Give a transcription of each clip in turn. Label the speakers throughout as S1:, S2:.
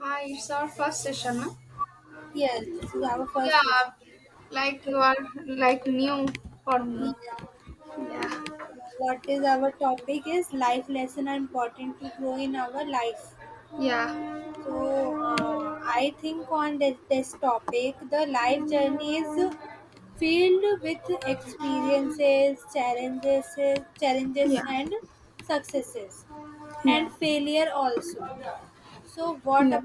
S1: Hi, it's our first session, no? Yeah, like you are like new for me. Yeah, yeah, yeah, yeah, yeah.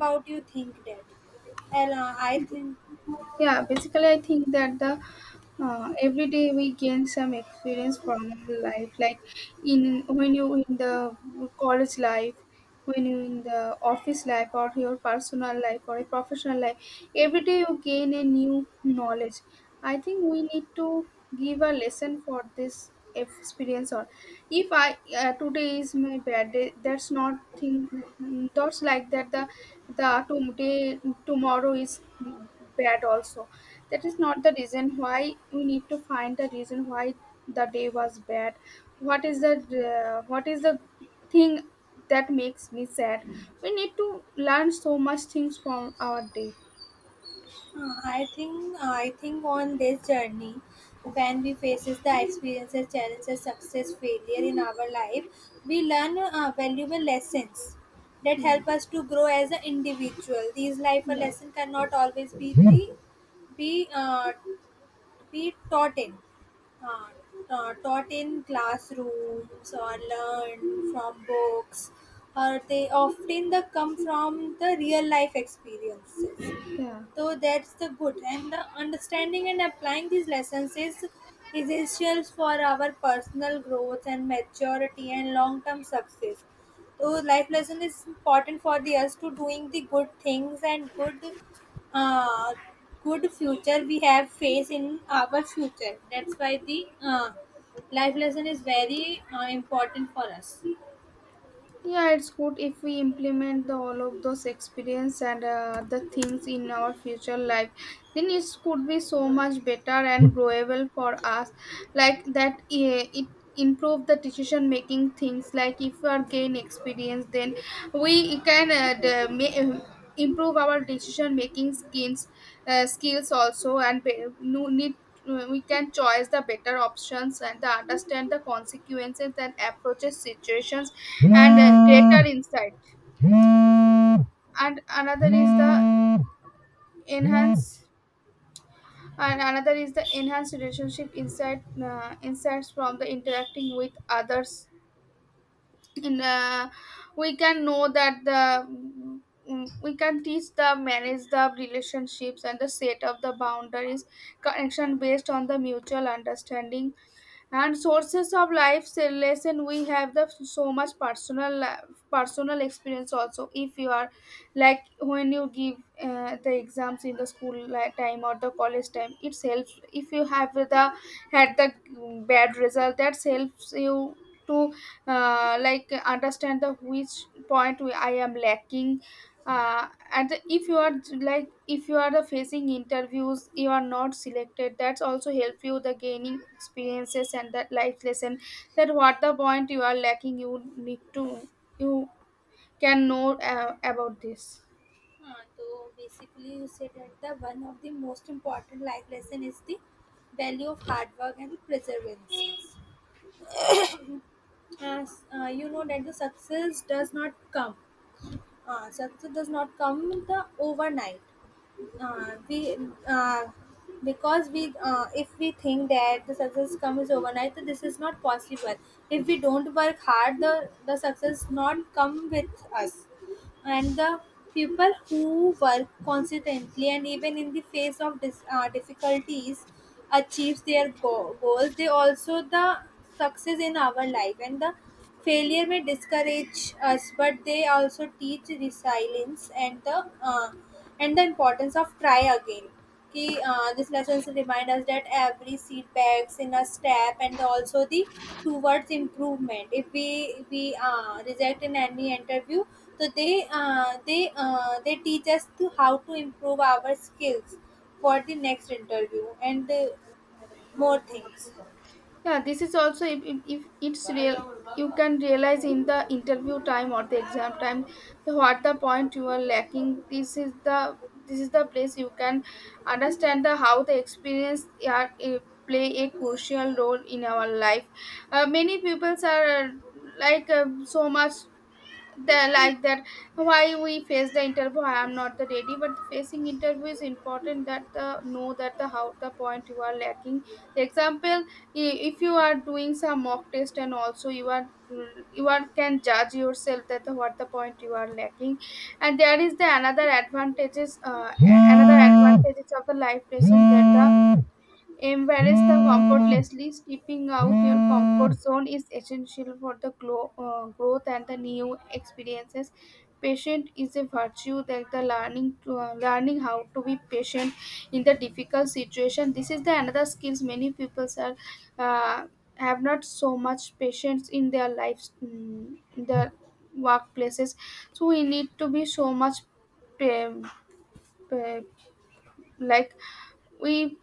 S1: Yeah, basically, I think that the every day we gain some experience from life, like in when you in the college life, when you're in the office life or your personal life or a professional life, every day you gain a new knowledge. I think we need to give a lesson for this experience. Or if I today is my bad day, that's not thing that's like that the today. Tomorrow is bad also. That is not the reason. Why we need to find the reason why the day was bad, what is the what is the thing that makes me sad. We need to learn so much things from our day. Yeah, yeah, yeah. Yeah, it's good if we implement the, all of those experience and the things in our future life, then it could be so much better and growable for us like that. Yeah, it improve the decision making things. Like if we are gain experience, then we can improve our decision making skills, skills also, and no need. We can choose the better options and the understand the consequences and approaches situations
S2: 음.
S1: and greater
S2: 음.
S1: insight. And another is the enhance and another is the enhanced relationship insight, insights from the interacting with others. In We can know that the we can teach the manage the relationships and the set of the boundaries, connection based on the mutual understanding. And sources of life lesson, we have the so much personal experience also. If you are like, when you give the exams in the school time or the college time, it helps if you have the had the bad result. That helps you to like understand the which point we, I am lacking. If you are like, if you are the facing interviews, you are not selected, that's also help you the gaining experiences and that life lesson. That what the point you are lacking, you need to, you can know about this. Yeah, this is also, if it's real, you can realize in the interview time or the exam time, the, what the point you are lacking. This is the place you can understand the how the experience are play a crucial role in our life. Many people are so much the like that, why we face the interview? I am not the ready, but the facing interview is important, that the know that the how the point you are lacking. The example, if you are doing some mock test and also you are, you are can judge yourself that the, what the point you are lacking. And there is the another advantages, another advantages of the life lesson that the, embrace the comfortlessly. Stepping out your comfort zone is essential for the growth and the new experiences. Patience is a virtue, that the learning to, learning how to be patient in the difficult situation. This is the another skills. Many people are uh, have not so much patience in their lives, in their workplaces. So we need to be so much pa- pa- like we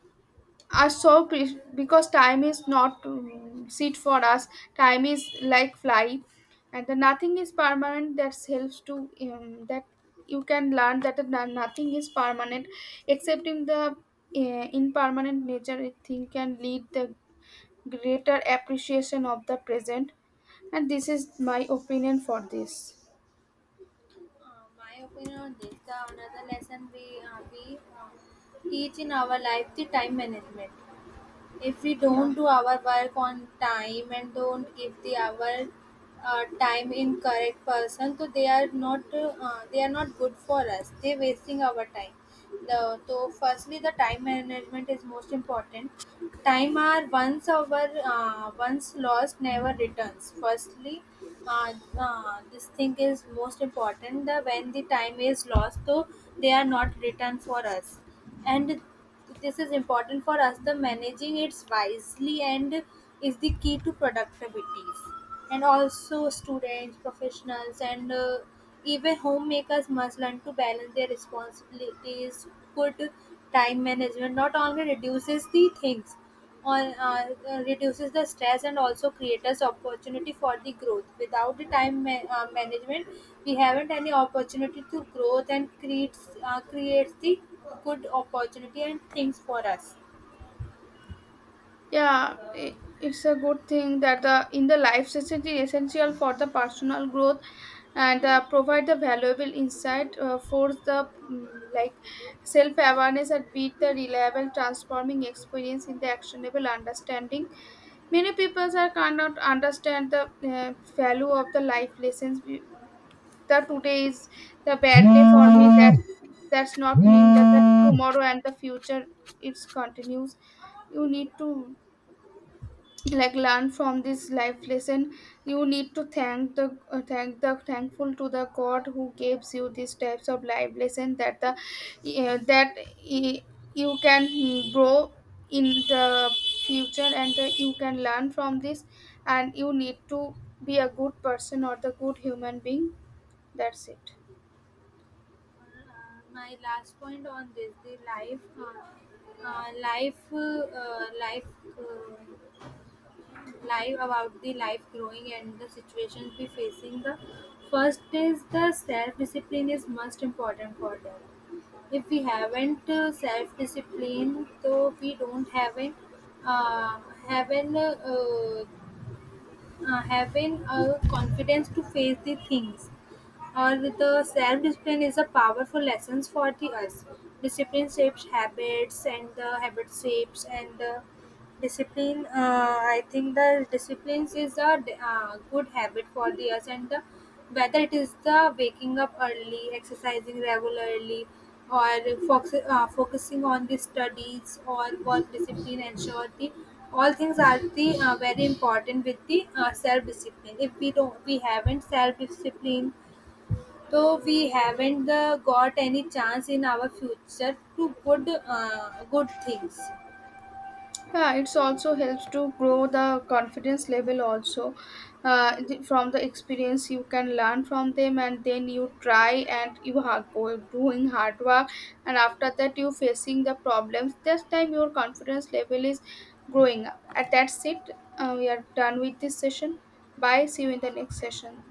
S1: are so because time is not seat for us. Time is like fly. And the nothing is permanent, that helps to that you can learn that the nothing is permanent. Accepting the impermanent nature, I think, can lead the greater appreciation of the present. And this is my opinion for this. Yeah. Yeah, it's a good thing that the in the life sessions is essential for the personal growth and provide the valuable insight for the like self-awareness and with the reliable transforming experience in the actionable understanding. Many people are cannot understand the value of the life lessons. That today is the bad day for me, that that's not mean that, the
S2: 음.
S1: tomorrow and the future it's continues. You need to like learn from this life lesson. You need to thankful to the god who gives you these types of life lesson, that the that you can grow in the future and you can learn from this. And you need to be a good person or the good human being. That's it. Yeah, it's also helps to grow the confidence level also. From the experience you can learn from them, and then you try and you are go doing hard work, and after that you facing the problems, this time your confidence level is growing up. And that's it. We are done with this session. Bye, see you in the next session.